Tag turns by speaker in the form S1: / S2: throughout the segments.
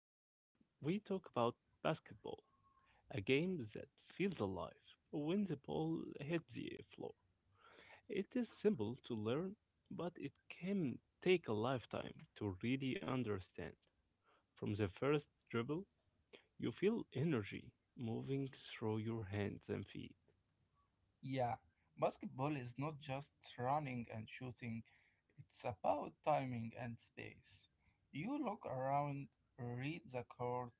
S1: Today, we talk about basketball, a game that feels alive when the ball hits the floor. It is simple to learn, but it can take a lifetime to really understand. From the first dribble, you feel energy moving through your hands and feet.
S2: Yeah, basketball is not just running and shooting, it's about timing and space. You look around, read the court,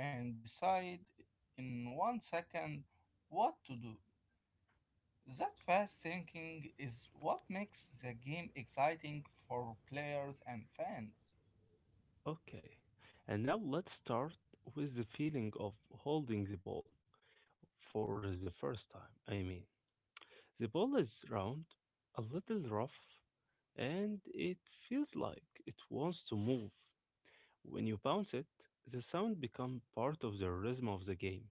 S2: and decide in 1 second what to do. That fast thinking is what makes the game exciting for players and fans.
S1: Okay, and now let's start with the feeling of holding the ball for the first time. I mean, the ball is round, a little rough, and it feels like it wants to move. When you bounce it, the sound becomes part of the rhythm of the game.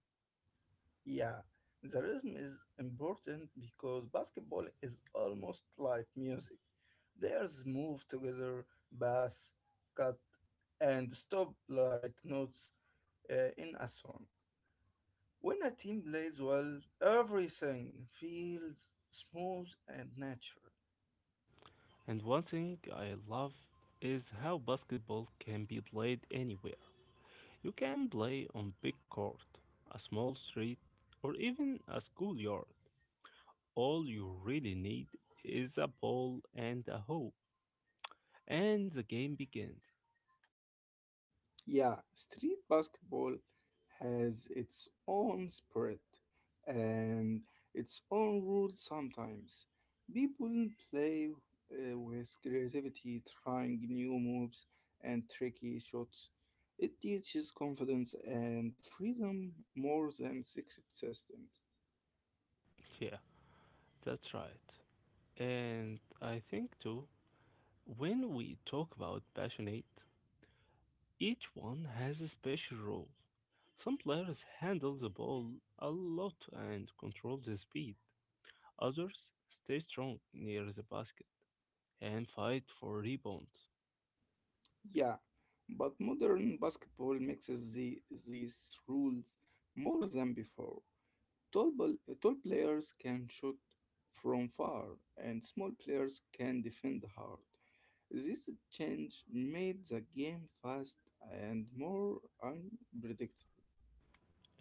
S2: Yeah, the rhythm is important because basketball is almost like music. Players move together, pass, cut, and stop like notes in a song. When a team plays well, everything feels smooth and natural.
S1: And one thing I love is how basketball can be played anywhere. You can play on big court, a small street, or even a schoolyard. All you really need is a ball and a hoop, and the game begins.
S2: Yeah, street basketball has its own spirit and its own rules sometimes. People play with creativity, trying new moves and tricky shots. It teaches confidence and freedom more than secret systems.
S1: Yeah, that's right. And I think too, when we talk about passionate, each one has a special role. Some players handle the ball a lot and control the speed. Others stay strong near the basket and fight for rebounds.
S2: Yeah, but modern basketball mixes these rules more than before. Tall players can shoot from far, and small players can defend hard. This change made the game fast and more unpredictable.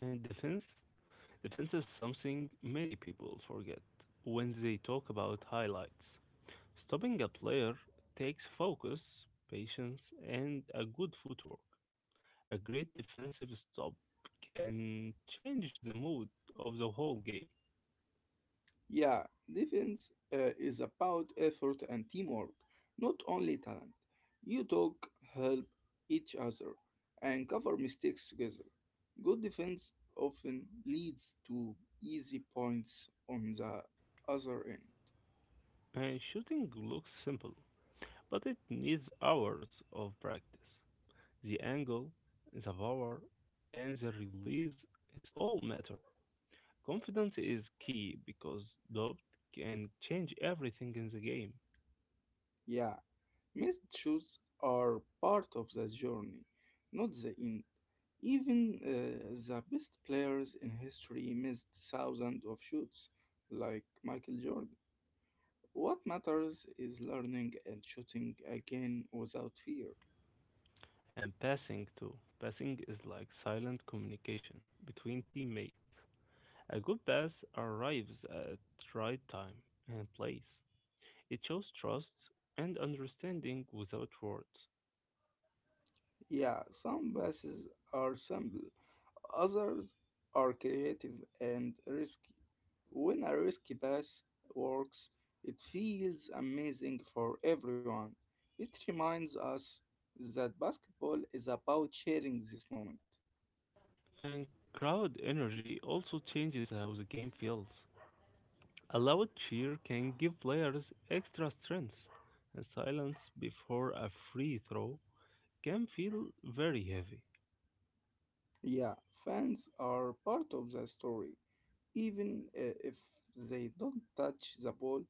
S1: And defense? Defense is something many people forget when they talk about highlights. Stopping a player takes focus, patience, and a good footwork. A great defensive stop can change the mood of the whole game.
S2: Yeah, defense is about effort and teamwork, not only talent. You talk, help each other, and cover mistakes together. Good defense often leads to easy points on the other end.
S1: And shooting looks simple, but it needs hours of practice. The angle, the power, and the release, it's all matter. Confidence is key because doubt can change everything in the game.
S2: Yeah. Missed shows are part of the journey, not the end. Even the best players in history missed thousands of shots, like Michael Jordan. What matters is learning and shooting again without fear.
S1: And passing too. Passing is like silent communication between teammates. A good pass arrives at right time and place. It shows trust and understanding without words.
S2: Yeah, some passes are simple, others are creative and risky. When a risky pass works, it feels amazing for everyone. It reminds us that basketball is about sharing this moment.
S1: And crowd energy also changes how the game feels. A loud cheer can give players extra strength, and silence before a free throw can feel very heavy.
S2: Yeah, fans are part of the story. Even if they don't touch the ball,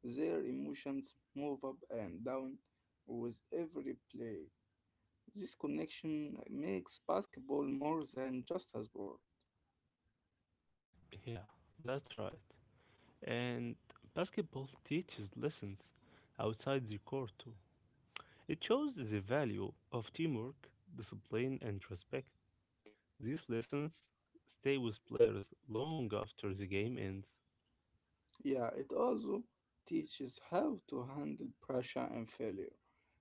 S2: their emotions move up and down with every play. This connection makes basketball more than just a sport.
S1: Yeah, that's right. And basketball teaches lessons outside the court too. It shows the value of teamwork, discipline, and respect. These lessons stay with players long after the game ends,
S2: Yeah, it also teaches how to handle pressure and failure.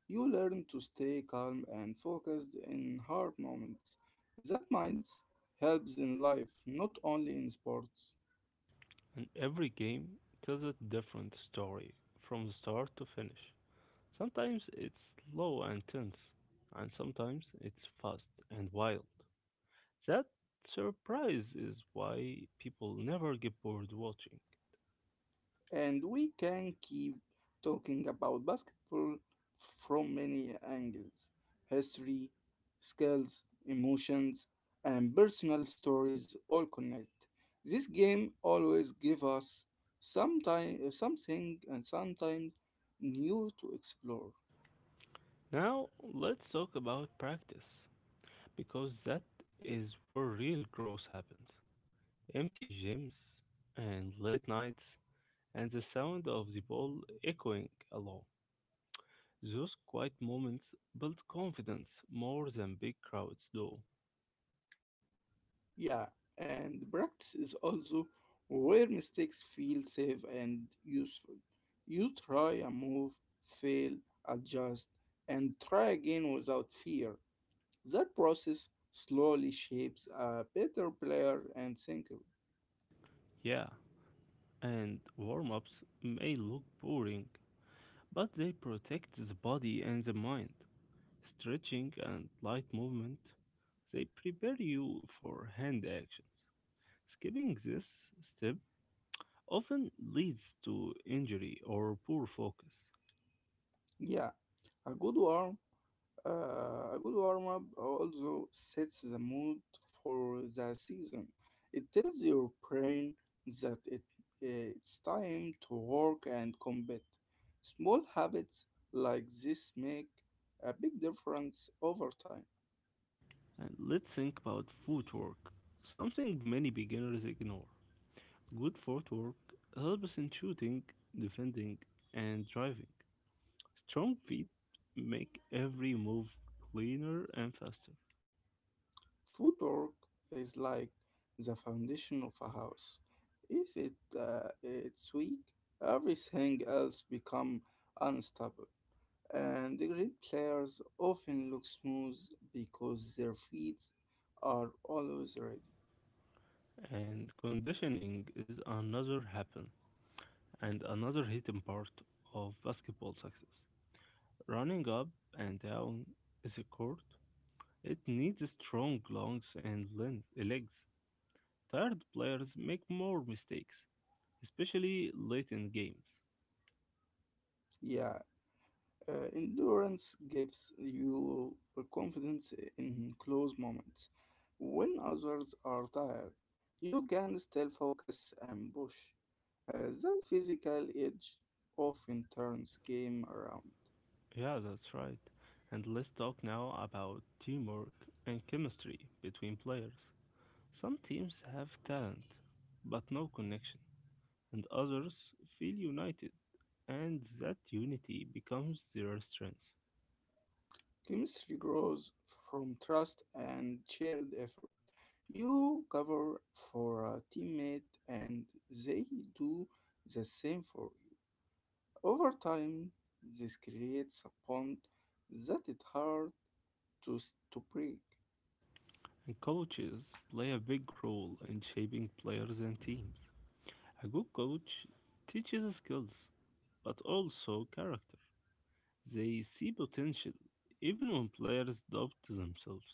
S2: You learn to stay calm and focused in hard moments. That mindset helps in life, not only in sports.
S1: and every game tells a different story from the start to finish. Sometimes it's slow and tense, and sometimes it's fast and wild. That surprise is why people never get bored watching.
S2: And we can keep talking about basketball from many angles: history, skills, emotions, and personal stories all connect. This game always gives us something and sometimes new to explore.
S1: Now, let's talk about practice, because that is where real growth happens. Empty gyms and late nights and the sound of the ball echoing along. Those quiet moments build confidence more than big crowds do.
S2: Yeah, and practice is also where mistakes feel safe and useful. You try a move, fail, adjust, and try again without fear. That process slowly shapes a better player and thinker.
S1: Yeah, and warm ups may look boring, but they protect the body and the mind. Stretching and light movement, they prepare you for hand actions. Skipping this step often leads to injury or poor focus.
S2: Yeah, a good one. A good warm up also sets the mood for the season. It tells your brain that uh, it's time to work and combat. Small habits like this make a big difference over time.
S1: And let's think about footwork, something many beginners ignore. Good footwork helps in shooting, defending, and driving. Strong feet make every move cleaner and faster.
S2: Footwork is like the foundation of a house. If it's weak, everything else become unstable. And the great players often look smooth because their feet are always ready.
S1: And conditioning is another happen and another hidden part of basketball success. Running up and down is a court. It needs strong lungs and legs. Tired players make more mistakes, especially late in games.
S2: Yeah, endurance gives you a confidence in close moments. When others are tired, you can still focus and push. That physical edge often turns game around.
S1: Yeah, that's right. And let's talk now about teamwork and chemistry between players. Some teams have talent, but no connection, and others feel united, and that unity becomes their strength.
S2: Chemistry grows from trust and shared effort. You cover for a teammate and they do the same for you. Over time, this creates a bond that is hard to break.
S1: And coaches play a big role in shaping players and teams. A good coach teaches skills, but also character. They see potential even when players doubt themselves.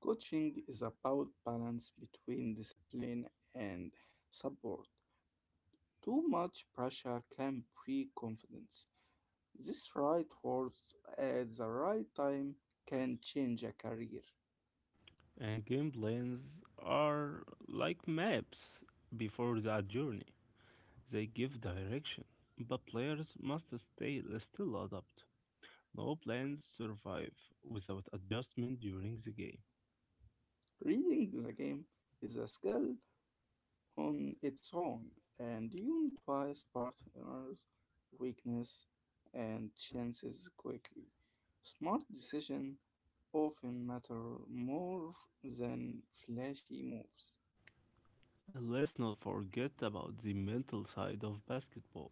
S2: Coaching is about balance between discipline and support. Too much pressure can break confidence. This right words at the right time can change a career.
S1: And game plans are like maps before the journey. They give direction, but players must stay still adapt. No plans survive without adjustment during the game.
S2: Reading the game is a skill on its own, and you notice partners' weakness and chances quickly. Smart decisions often matter more than flashy moves.
S1: And let's not forget about the mental side of basketball.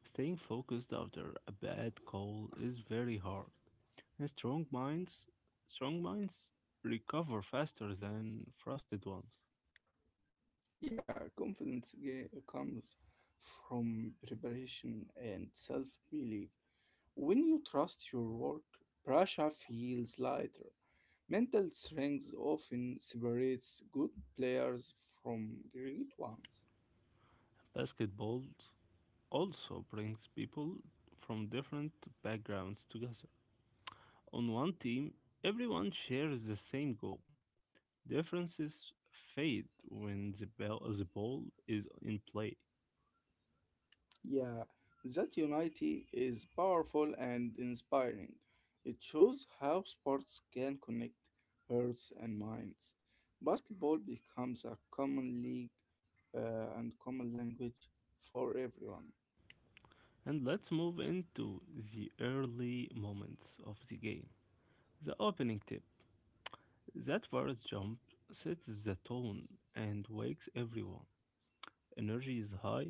S1: Staying focused after a bad call is very hard. And strong minds recover faster than frosted ones.
S2: Yeah, comes from preparation and self belief. When you trust your work, pressure feels lighter. Mental strength often separates good players from great ones.
S1: Basketball also brings people from different backgrounds together. On one team, everyone shares the same goal. Differences fade when the ball is in play.
S2: Yeah, that unity is powerful and inspiring. It shows how sports can connect hearts and minds. Basketball becomes a common league and common language for everyone.
S1: And let's move into the early moments of the game. The opening tip that first jump sets the tone and wakes everyone. Energy is high,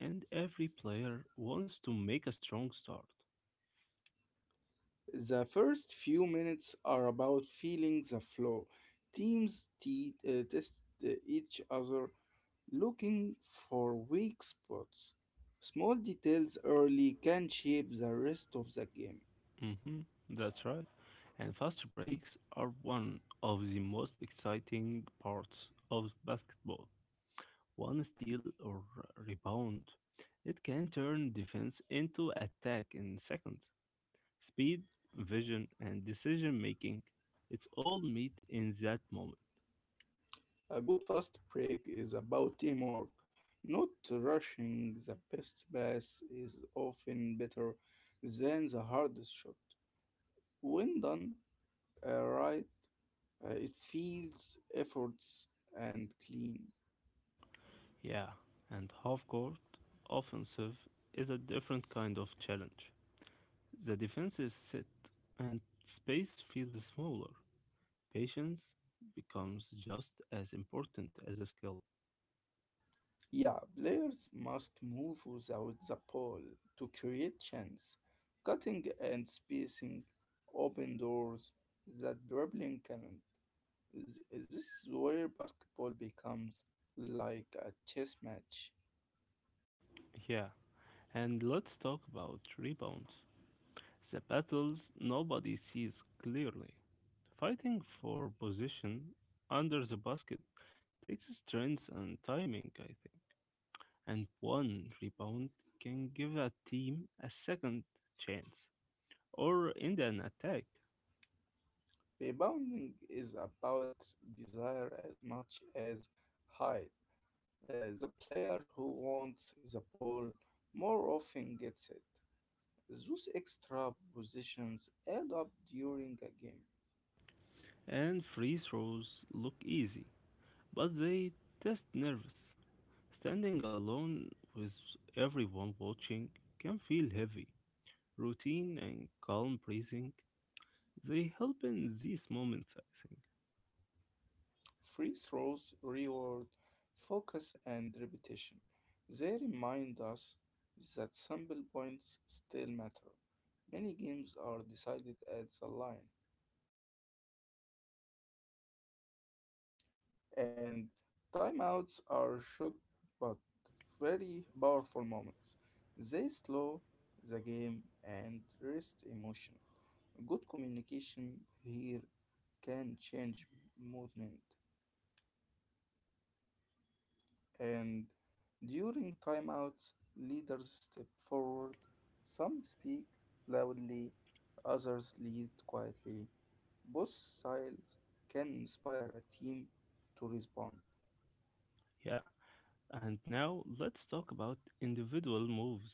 S1: and every player wants to make a strong start.
S2: The first few minutes are about feeling the flow. Teams test each other, looking for weak spots. Small details early can shape the rest of the game.
S1: Hmm. That's right. And fast breaks are one of the most exciting parts of basketball. One steal or rebound, it can turn defense into attack in seconds. Speed, vision, and decision making, it's all meet in that moment.
S2: A good fast break is about teamwork. Not rushing the best pass is often better than the hardest shot. When done right, it feels efforts and clean.
S1: Yeah, and half court offensive is a different kind of challenge. The defense is set and space feels smaller. Patience becomes just as important as a skill.
S2: Yeah, players must move without the ball to create chance. Cutting and spacing open doors that dribbling cannot. This is where basketball becomes like a chess match.
S1: Yeah, and let's talk about rebounds. The battles nobody sees clearly. Fighting for position under the basket takes strength and timing, I think. And one rebound can give a team a second chance or end an attack.
S2: Rebounding is about desire as much as height. The player who wants the ball more often gets it. Those extra positions add up during a game.
S1: And free throws look easy, but they test nerves. Standing alone with everyone watching can feel heavy. Routine and calm breathing, they help in these moments, I think.
S2: Free throws reward focus and repetition. They remind us that sample points still matter. Many games are decided at the line, and timeouts are short but very powerful moments. They slow the game and rest emotion. Good communication here can change movement. And during timeouts, leaders step forward. Some speak loudly, others lead quietly. Both sides can inspire a team to respond.
S1: Yeah, and now let's talk about individual moves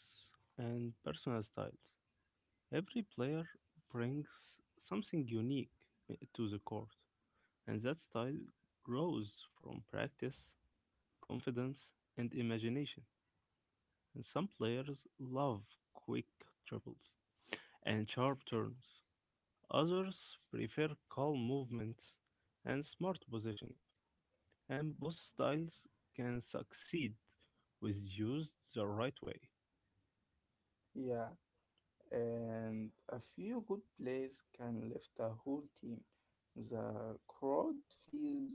S1: and personal styles. Every player brings something unique to the court, and that style grows from practice, confidence, and imagination. And some players love quick dribbles and sharp turns. Others prefer calm movements and smart positioning, and both styles can succeed with used the right way.
S2: Yeah. And a few good plays can lift a whole team. The crowd feels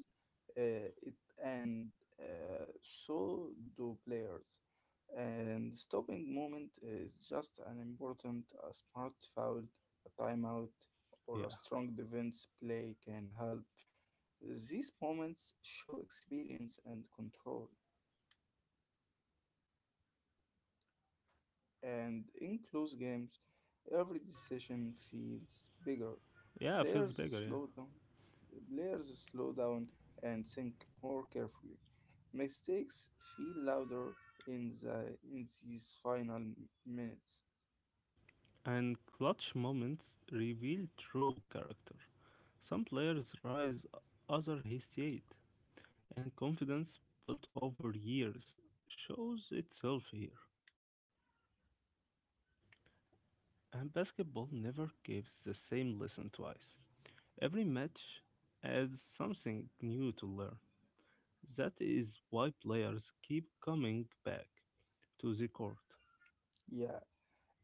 S2: it, and uh, so do players. And stopping moment is just an important a smart foul, a timeout, or a
S1: Yeah,
S2: strong defense play can help. These moments show experience and control. And in close games, every decision feels bigger.
S1: yeah, feels
S2: Players
S1: bigger, yeah.
S2: slow down. Players slow down and think more carefully. Mistakes feel louder in these final minutes.
S1: And clutch moments reveal true character. Some players rise, other hesitate, and confidence built over years shows itself here. And basketball never gives the same lesson twice. Every match adds something new to learn. That is why players keep coming back to the court.
S2: Yeah,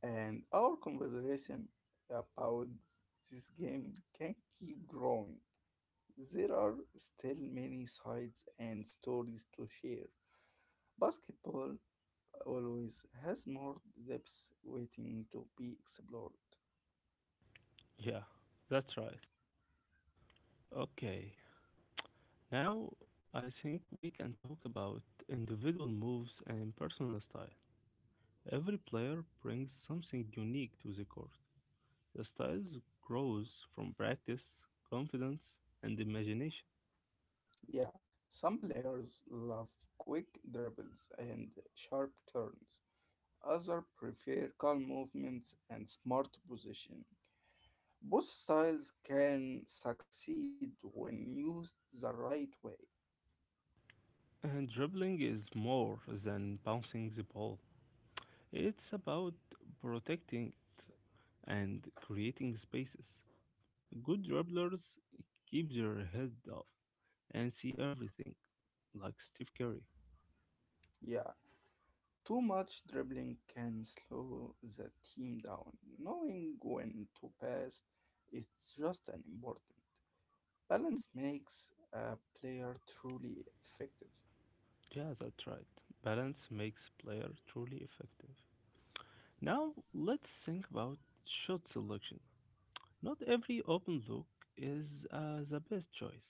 S2: and our conversation about this game can keep growing. There are still many sides and stories to share. Basketball always has more depths waiting to be explored.
S1: Yeah, that's right. Okay, now I think we can talk about individual moves and personal style. Every player brings something unique to the court. The styles grows from practice, confidence, and imagination.
S2: Yeah, some players love quick dribbles and sharp turns. Others prefer calm movements and smart positioning. Both styles can succeed when used the right way.
S1: And dribbling is more than bouncing the ball. It's about protecting and creating spaces. Good dribblers keep their head up and see everything, like Steve Curry.
S2: Yeah, too much dribbling can slow the team down. Knowing when to pass is just as important. Balance makes a player truly effective.
S1: Yeah, that's right. Balance makes player truly effective. Now let's think about shot selection. Not every open look is the best choice.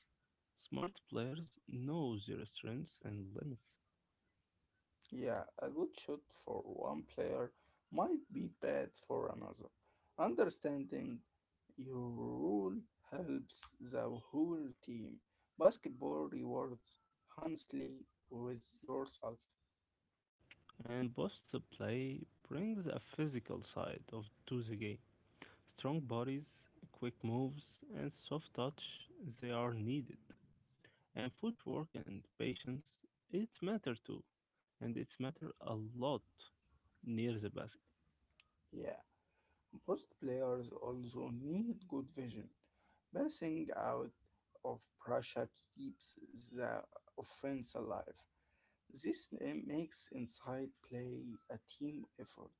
S1: Smart players know their strengths and limits.
S2: Yeah, a good shot for one player might be bad for another. Understanding your rule helps the whole team. Basketball rewards honestly with yourself.
S1: And boss play brings a physical side of to the game. Strong bodies, quick moves, and soft touch they are needed. And footwork and patience it's matter too. And it's matter a lot near the basket.
S2: Yeah. Most players also need good vision. Passing out of pressure keeps the offense alive. Makes inside play a team effort.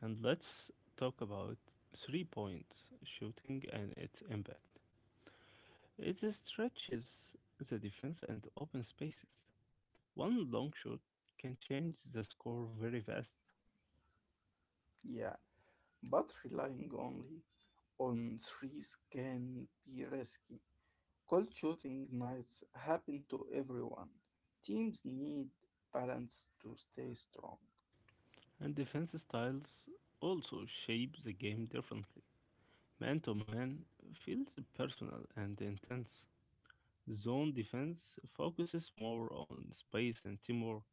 S1: And let's talk about 3-point shooting and its impact. It stretches the defense and open spaces. One long shot can change the score very fast,
S2: Yeah, but relying only on threes can be risky. Cold shooting nights happen to everyone. Teams need balance to stay strong.
S1: and defense styles also shape the game differently. Man to man feels personal and intense. Zone defense focuses more on space and teamwork,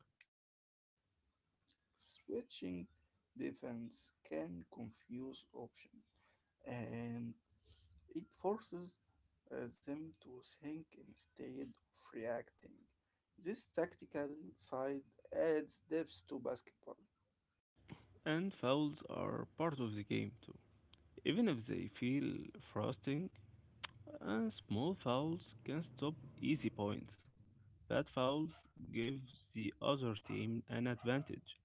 S2: Switching defense can confuse options. And it forces them to think instead of reacting. This tactical side adds depth to basketball.
S1: and fouls are part of the game too. Even if they feel frustrating. And small fouls can stop easy points. Bad fouls give the other team an advantage.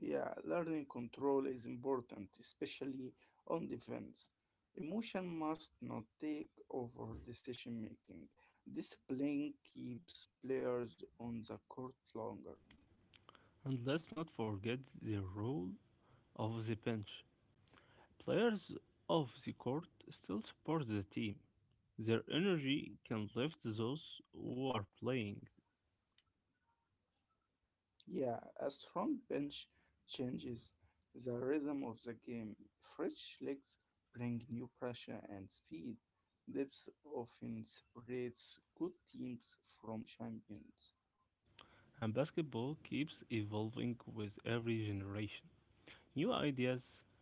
S2: Yeah, learning control is important, especially on defense. Emotion must not take over decision making. Discipline keeps players on the court longer.
S1: And let's not forget the role of the bench. Players of the court still support the team. Their energy can lift those who are playing,
S2: Yeah, a strong bench changes the rhythm of the game. Fresh legs bring new pressure and speed. Depth often separates good teams from champions.
S1: and basketball keeps evolving with every generation. New ideas,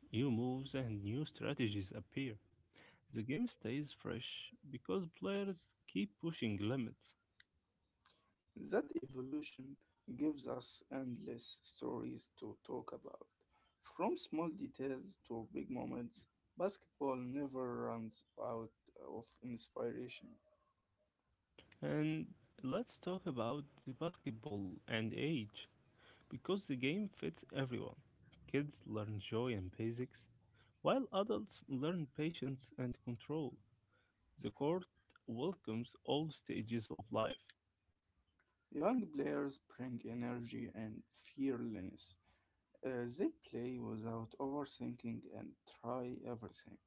S1: new moves, and new strategies appear. The game stays fresh because players keep pushing limits.
S2: That evolution gives us endless stories to talk about. From small details to big moments, basketball never runs out of inspiration.
S1: And let's talk about the basketball and age. Because the game fits everyone. Kids learn joy and basics, while adults learn patience and control. The court welcomes all stages of life.
S2: Young players bring energy and fearlessness. They play without overthinking and try everything.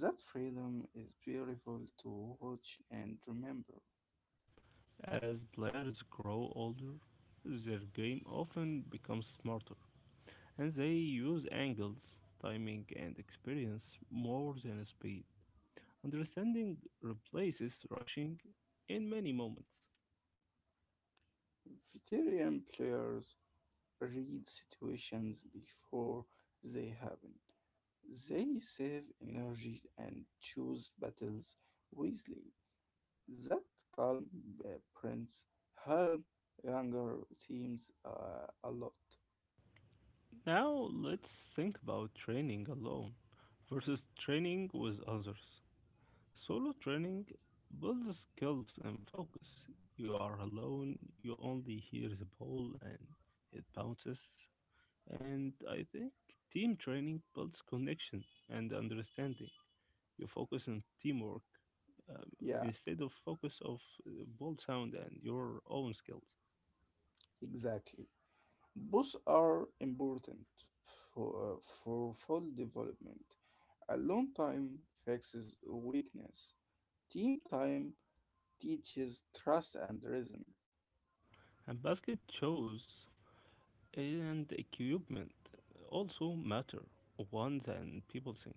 S2: That freedom is beautiful to watch and remember.
S1: As players grow older, their game often becomes smarter, and they use angles, timing, and experience more than speed. Understanding replaces rushing in many moments.
S2: Veteran players read situations before they happen. They save energy and choose battles wisely. That calm prints help younger teams a lot.
S1: Now let's think about training alone versus training with others. Solo training builds skills and focus. You are alone, you only hear the ball and it bounces. And I think team training builds connection and understanding. You focus on teamwork um,
S2: Yeah,
S1: instead of focus of ball sound and your own skills.
S2: exactly. Both are important for full development. Alone time fixes weakness. Team time teaches trust and rhythm.
S1: And basket shows and equipment also matter one than people think.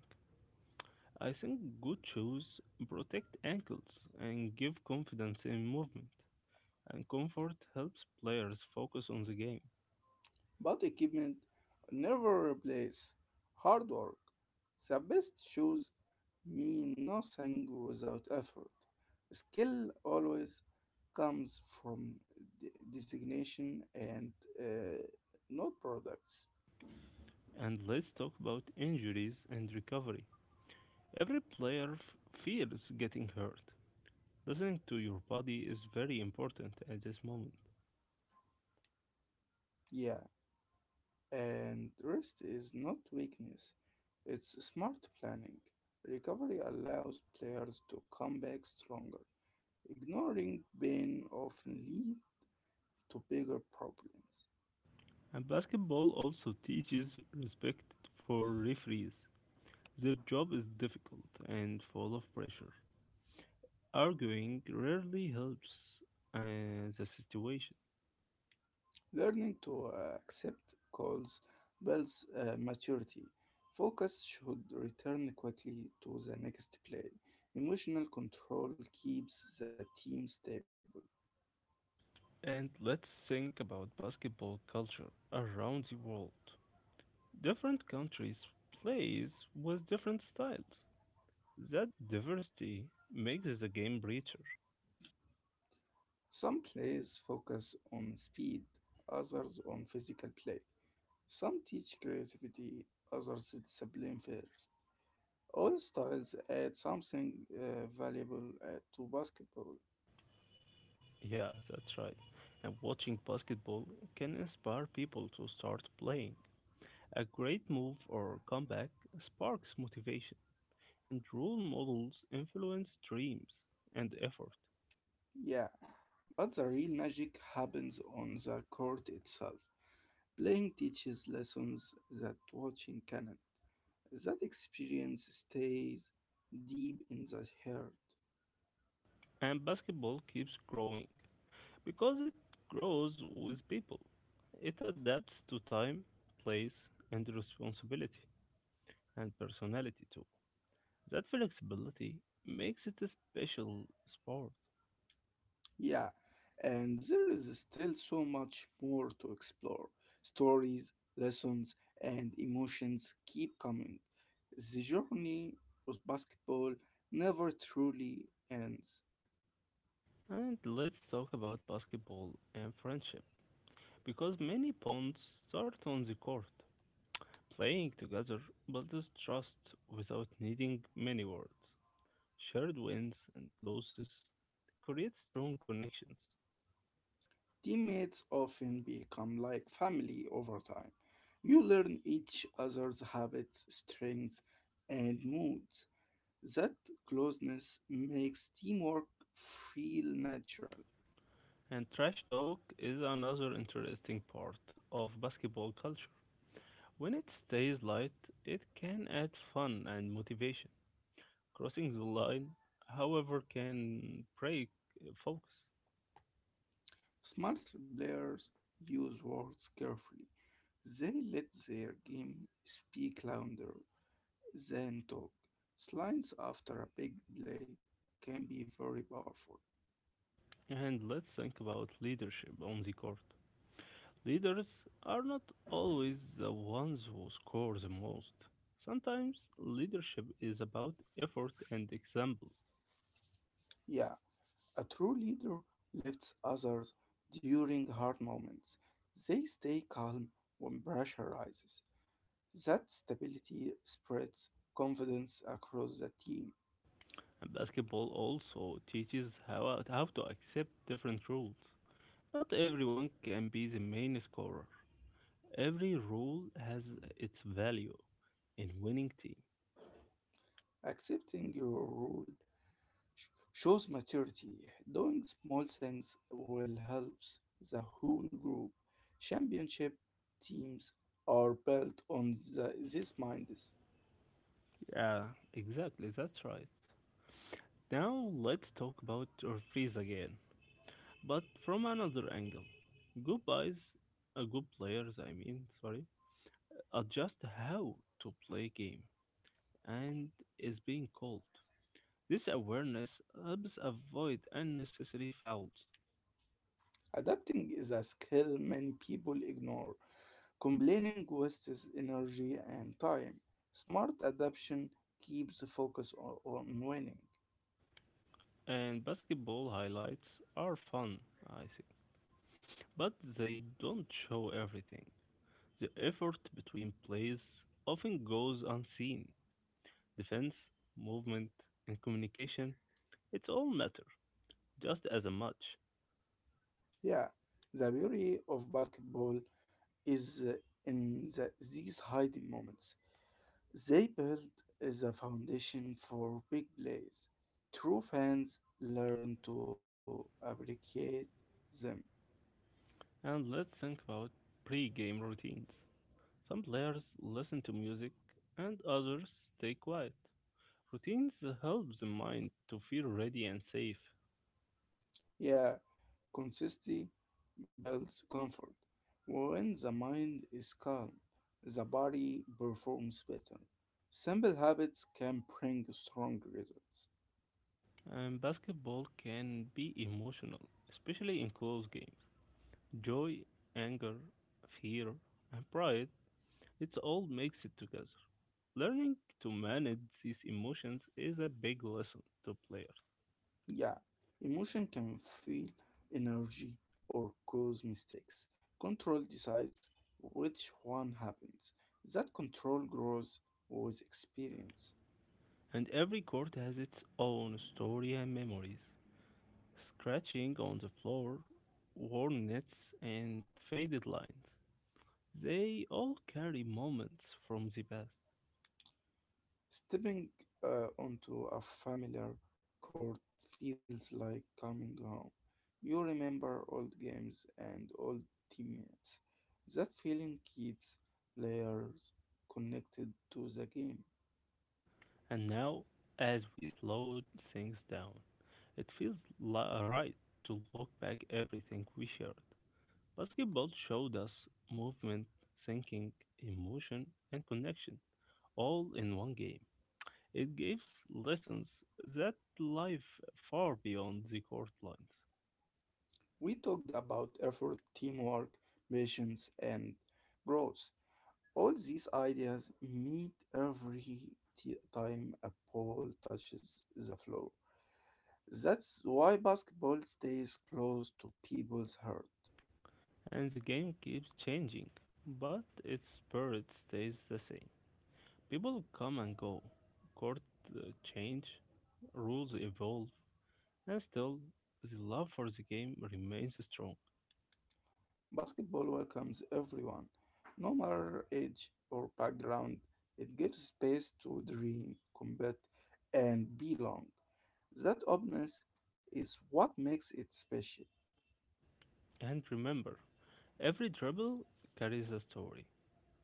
S1: I think good shoes protect ankles and give confidence in movement, and comfort helps players focus on the game.
S2: But equipment never replace hard work. The best shoes mean nothing without effort. Skill always comes from de- designation and uh, not products.
S1: And let's talk about injuries and recovery. Every player fears getting hurt. Listening to your body is very important at this moment.
S2: Yeah. And rest is not weakness, it's smart planning. Recovery allows players to come back stronger. Ignoring pain often leads to bigger problems.
S1: And basketball also teaches respect for referees. Their job is difficult and full of pressure. Arguing rarely helps the situation.
S2: Learning to accept calls builds maturity. Focus should return quickly to the next play. Emotional control keeps the team stable.
S1: And let's think about basketball culture around the world. Different countries plays with different styles. That diversity makes the game richer.
S2: Some players focus on speed, others on physical play. Some teach creativity, others discipline first. All styles add something valuable to basketball,
S1: Yeah, that's right. And watching basketball can inspire people to start playing. A great move or comeback sparks motivation, and role models influence dreams and effort.
S2: yeah, but the real magic happens on the court itself. Playing teaches lessons that watching cannot. That experience stays deep in the heart.
S1: And basketball keeps growing because it grows with people. It adapts to time, place, and responsibility, and personality too. That flexibility makes it a special sport.
S2: Yeah, and there is still so much more to explore. Stories, lessons, and emotions keep coming. The journey with basketball never truly ends.
S1: And let's talk about basketball and friendship because many bonds start on the court. Playing together builds trust without needing many words. Shared wins and losses create strong connections.
S2: Teammates often become like family over time. You learn each other's habits, strengths, and moods. That closeness makes teamwork feel natural.
S1: And trash talk is another interesting part of basketball culture. When it stays light, it can add fun and motivation. Crossing the line, however, can break focus.
S2: Smart players use words carefully. They let their game speak louder than talk. Slides after a big play can be very powerful.
S1: And let's think about leadership on the court. Leaders are not always the ones who score the most. Sometimes leadership is about effort and example.
S2: Yeah, a true leader lifts others during hard moments. They stay calm when pressure rises. That stability spreads confidence across the team.
S1: And basketball also teaches how to accept different rules. Not everyone can be the main scorer. Every role has its value in winning team.
S2: Accepting your role sh- shows maturity. Doing small things will help the whole group. Championship teams are built on this mindset.
S1: Yeah, exactly, that's right. Now let's talk about referees again, but from another angle. Good guys, good players, I mean, sorry, adjust how to play game and is being called. This awareness helps avoid unnecessary fouls.
S2: Adapting is a skill many people ignore. Complaining wastes energy and time. Smart adaptation keeps the focus on winning.
S1: And basketball highlights are fun, I think. But they don't show everything. The effort between plays often goes unseen. Defense, movement, and communication, it's all matter, just as a much.
S2: Yeah, the beauty of basketball is in these hiding moments. They built the foundation for big plays. True fans learn to appreciate them.
S1: And let's think about pre-game routines. Some players listen to music and others stay quiet. Routines help the mind to feel ready and safe.
S2: Yeah, consistency builds comfort. When the mind is calm, the body performs better. Simple habits can bring strong results.
S1: And basketball can be emotional, especially in close games. Joy, anger, fear, and pride, it's all mixed together. Learning to manage these emotions is a big lesson to players,
S2: Yeah, emotion can feel energy or cause mistakes. Control decides which one happens. That control grows with experience.
S1: and every court has its own story and memories. Scratching on the floor, worn nets, and faded lines. They all carry moments from the past.
S2: Stepping onto a familiar court feels like coming home. You remember old games and old teammates. That feeling keeps players connected to the game.
S1: And now, as we slow things down, it feels right to look back everything we shared. Basketball showed us movement, thinking, emotion, and connection all in one game. It gives lessons that life far beyond the court lines.
S2: We talked about effort, teamwork, patience, and growth. All these ideas meet every time a ball touches the floor. That's why basketball stays close to people's heart.
S1: And the game keeps changing, but its spirit stays the same. People come and go, court change, rules evolve, and still the love for the game remains strong.
S2: Basketball welcomes everyone, no matter age or background. It gives space to dream, combat, and belong. That openness is what makes it special.
S1: And remember, every dribble carries a story.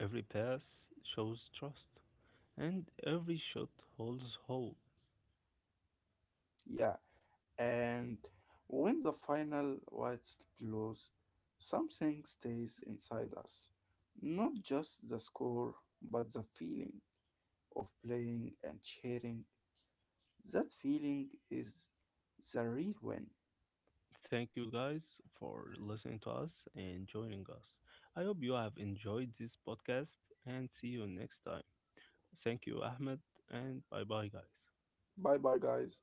S1: Every pass shows trust, and every shot holds hope.
S2: Yeah. And when the final white's blows, something stays inside us. Not just the score, but the feeling of playing and sharing. That feeling is the real win.
S1: Thank you guys for listening to us and joining us. I hope you have enjoyed this podcast and see you next time. Thank you, Ahmed, and bye bye, guys.
S2: Bye bye, guys.